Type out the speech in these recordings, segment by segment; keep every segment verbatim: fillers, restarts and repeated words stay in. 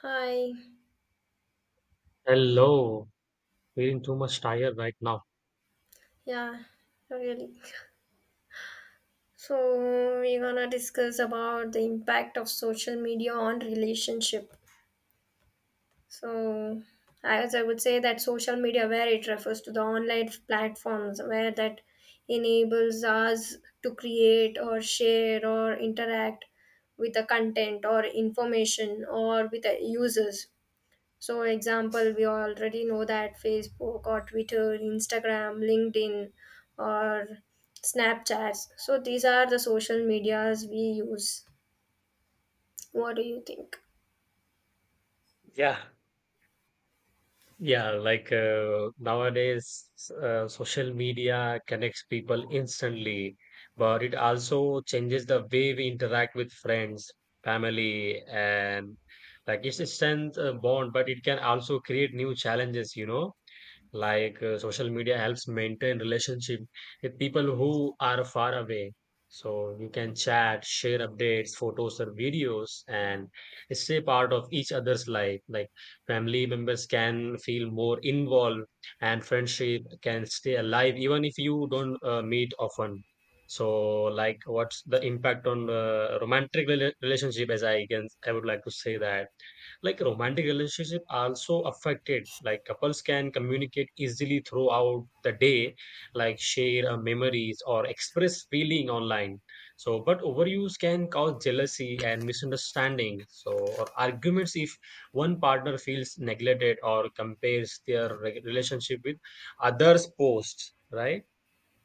Hi. Hello, feeling too much tired right now. Yeah, really. So we're gonna discuss about the impact of social media on relationship. So as I would say that social media where it refers to the online platforms where that enables us to create or share or interact with the content or information or with the users. So, example, we already know that Facebook or Twitter, Instagram, LinkedIn, or Snapchats. So, these are the social medias we use. What do you think? Yeah, yeah, like uh, nowadays, s- uh, social media connects people instantly, but it also changes the way we interact with friends, family, and like it's a sense uh, bond, but it can also create new challenges, you know. Like uh, social media helps maintain relationship with people who are far away. So you can chat, share updates, photos or videos, and stay part of each other's life. Like family members can feel more involved, and friendship can stay alive even if you don't uh, meet often. So, like, what's the impact on uh, romantic rela- relationship? As I can, I would like to say that. Like romantic relationship also affected. Like couples can communicate easily throughout the day, like share uh, memories or express feeling online. So, but overuse can cause jealousy and misunderstanding. So, or arguments if one partner feels neglected or compares their re- relationship with others' posts, right?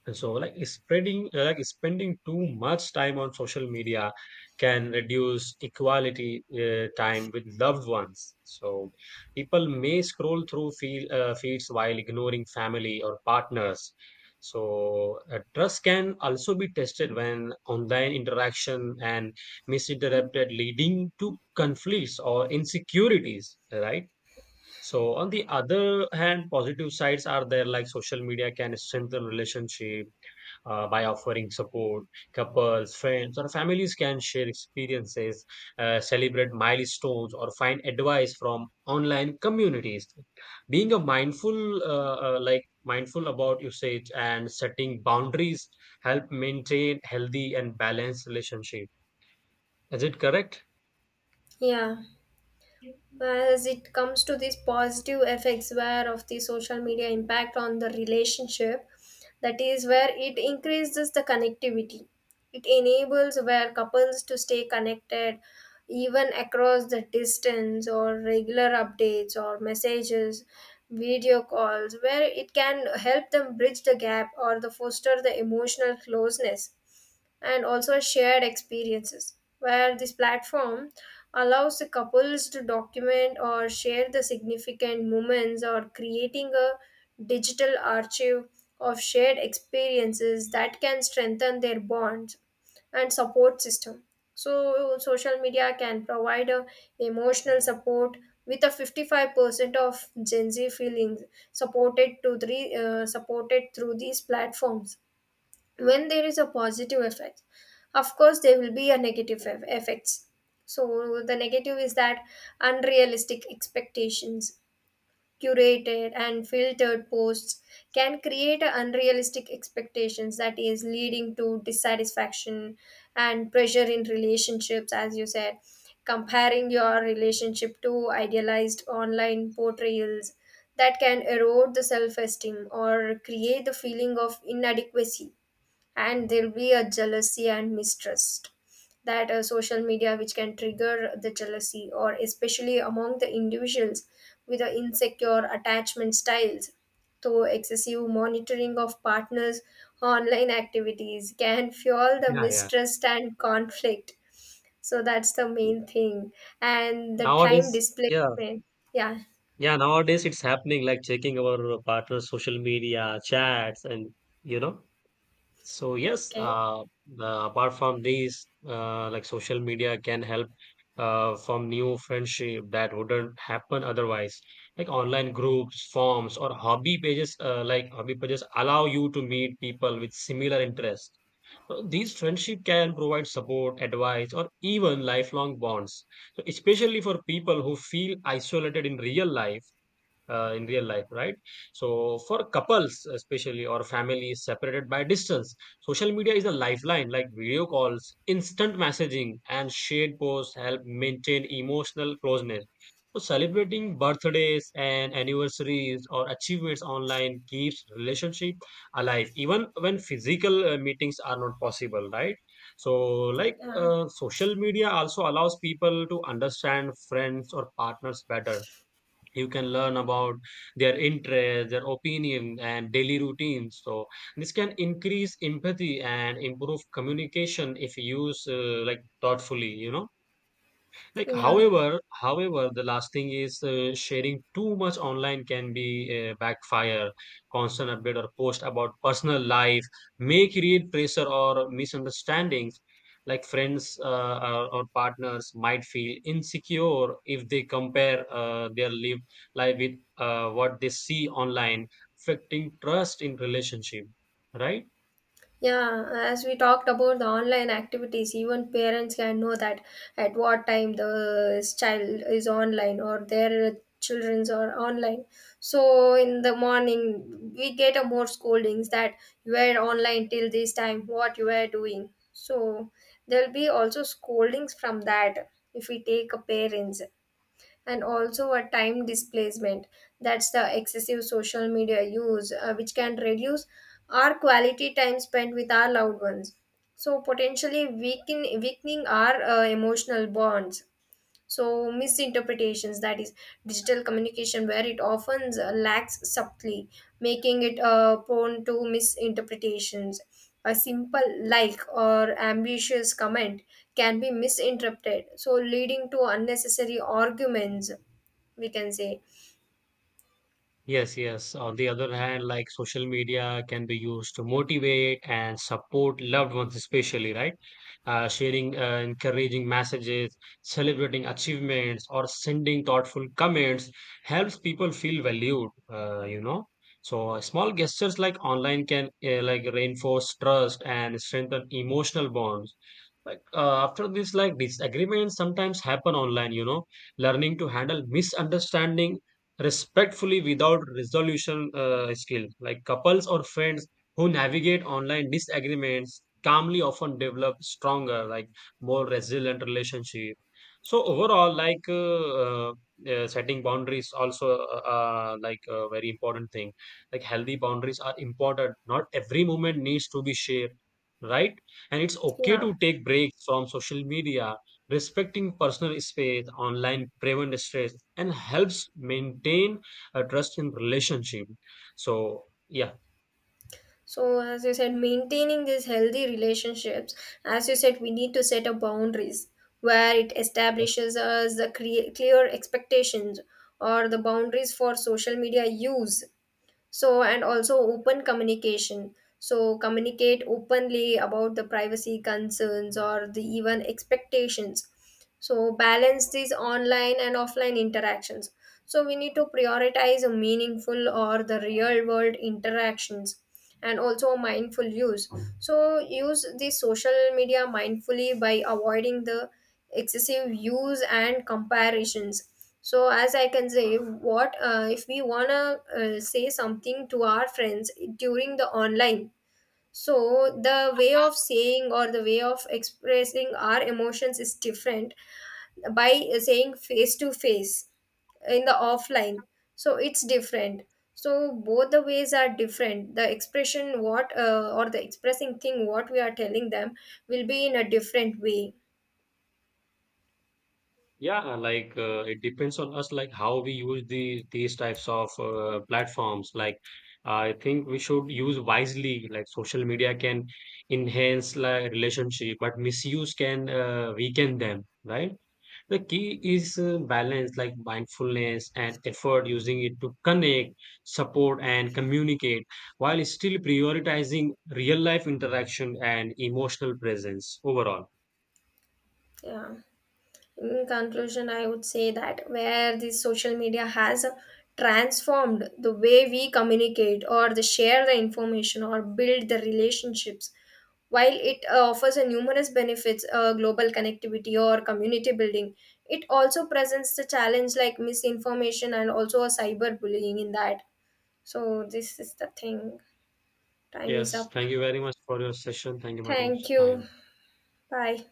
And So, like spreading, uh, like spending too much time on social media can reduce equality uh, time with loved ones. So, people may scroll through feel, uh, feeds while ignoring family or partners. So, uh, trust can also be tested when online interaction and misinterpreted, leading to conflicts or insecurities, right? So, on the other hand, positive sides are there like social media can strengthen relationship uh, by offering support. Couples, friends, or families can share experiences, uh, celebrate milestones, or find advice from online communities. Being a mindful, uh, uh, like mindful about usage and setting boundaries, help maintain healthy and balanced relationship. Is it correct? Yeah. As it comes to these positive effects where of the social media impact on the relationship, that is where it increases the connectivity. It enables where couples to stay connected even across the distance or regular updates or messages, video calls where it can help them bridge the gap or the foster the emotional closeness, and also shared experiences where this platform allows the couples to document or share the significant moments or creating a digital archive of shared experiences that can strengthen their bonds and support system. So social media can provide a emotional support with a fifty-five percent of gen z feeling supported to three, uh, supported through these platforms. When there is a positive effect, of course there will be a negative eff- effects. So the negative is that unrealistic expectations, curated and filtered posts can create a unrealistic expectations that is leading to dissatisfaction and pressure in relationships. As you said, comparing your relationship to idealized online portrayals that can erode the self-esteem or create the feeling of inadequacy. And there'll be a jealousy and mistrust, that uh, social media which can trigger the jealousy or especially among the individuals with the insecure attachment styles. So excessive monitoring of partners online activities can fuel the Yeah, yeah. mistrust and conflict. So that's the main thing, and the time Nowadays, yeah, displacement. Yeah. yeah. Nowadays, it's happening like checking our partner's social media chats and you know. So yes, Okay. uh, the, apart from these, uh, like social media can help uh, form new friendship that wouldn't happen otherwise. Like online groups, forums, or hobby pages, uh, like hobby pages allow you to meet people with similar interests. So these friendship can provide support, advice, or even lifelong bonds. So especially for people who feel isolated in real life uh, in real life, right? So, for couples, especially, or families separated by distance, social media is a lifeline like video calls, instant messaging, and shared posts help maintain emotional closeness. So, celebrating birthdays and anniversaries or achievements online keeps relationship alive, even when physical uh, meetings are not possible, right? So, like, Yeah. uh, social media also allows people to understand friends or partners better. You can learn about their interests, their opinion and daily routines, so this can increase empathy and improve communication if used uh, like thoughtfully you know like, Yeah. however, however, the last thing is uh, sharing too much online can be uh, backfire. Constant update or post about personal life may create pressure or misunderstandings. Like friends uh, or, or partners might feel insecure if they compare uh, their lived life with uh, what they see online, affecting trust in relationship. Right? Yeah, as we talked about the online activities, even parents can know that at what time the child is online or their children's are online. So in the morning, we get a more scoldings that you were online till this time, what you were doing. So there'll be also scoldings from that if we take a parents, and also a time displacement. That's the excessive social media use, uh, which can reduce our quality time spent with our loved ones, so potentially weaken, weakening our uh, emotional bonds. So misinterpretations, that is digital communication where it often uh, lacks subtly, making it uh, prone to misinterpretations. A simple like or ambitious comment can be misinterpreted, so leading to unnecessary arguments, we can say. Yes, yes. On the other hand, like social media can be used to motivate and support loved ones, especially, right? uh, sharing uh, encouraging messages, celebrating achievements, or sending thoughtful comments helps people feel valued. Uh, you know, so uh, small gestures like online can uh, like reinforce trust and strengthen emotional bonds. Like uh, after this, like disagreements sometimes happen online. You know, learning to handle misunderstanding respectfully without resolution uh, skill like couples or friends who navigate online disagreements calmly often develop stronger, like more resilient relationship. So overall, like uh, uh, uh, setting boundaries also, uh, uh, like a very important thing. Like healthy boundaries are important. Not every moment needs to be shared, right? And it's okay to Yeah. take breaks from social media. Respecting personal space online prevent stress and helps maintain a trust in relationship. So yeah. So, as you said, maintaining these healthy relationships, as you said, we need to set up boundaries where it establishes us the cre- clear expectations or the boundaries for social media use. So and also open communication, so communicate openly about the privacy concerns or the even expectations. So balance these online and offline interactions, so we need to prioritize a meaningful or the real world interactions, and also mindful use. So use the social media mindfully by avoiding the excessive use and comparisons. So as I can say what, uh, if we wanna uh, say something to our friends during the online, so the way of saying or the way of expressing our emotions is different by saying face to face in the offline. So it's different. So both the ways are different. The expression what uh, or the expressing thing what we are telling them will be in a different way. Yeah, like uh, it depends on us, like how we use the these types of uh, platforms. Like I think we should use wisely. Like social media can enhance like relationship, but misuse can uh, weaken them. Right? The key is uh, balance, like mindfulness and effort, using it to connect, support, and communicate, while still prioritizing real life interaction and emotional presence overall. Yeah. In conclusion, I would say that where the social media has transformed the way we communicate or the share the information or build the relationships, while it uh, offers a numerous benefits, uh, global connectivity or community building, it also presents the challenge like misinformation and also a cyberbullying in that. So this is the thing. Time is Yes, up. thank you very much for your session. Thank you very Thank much. you. Time. Bye.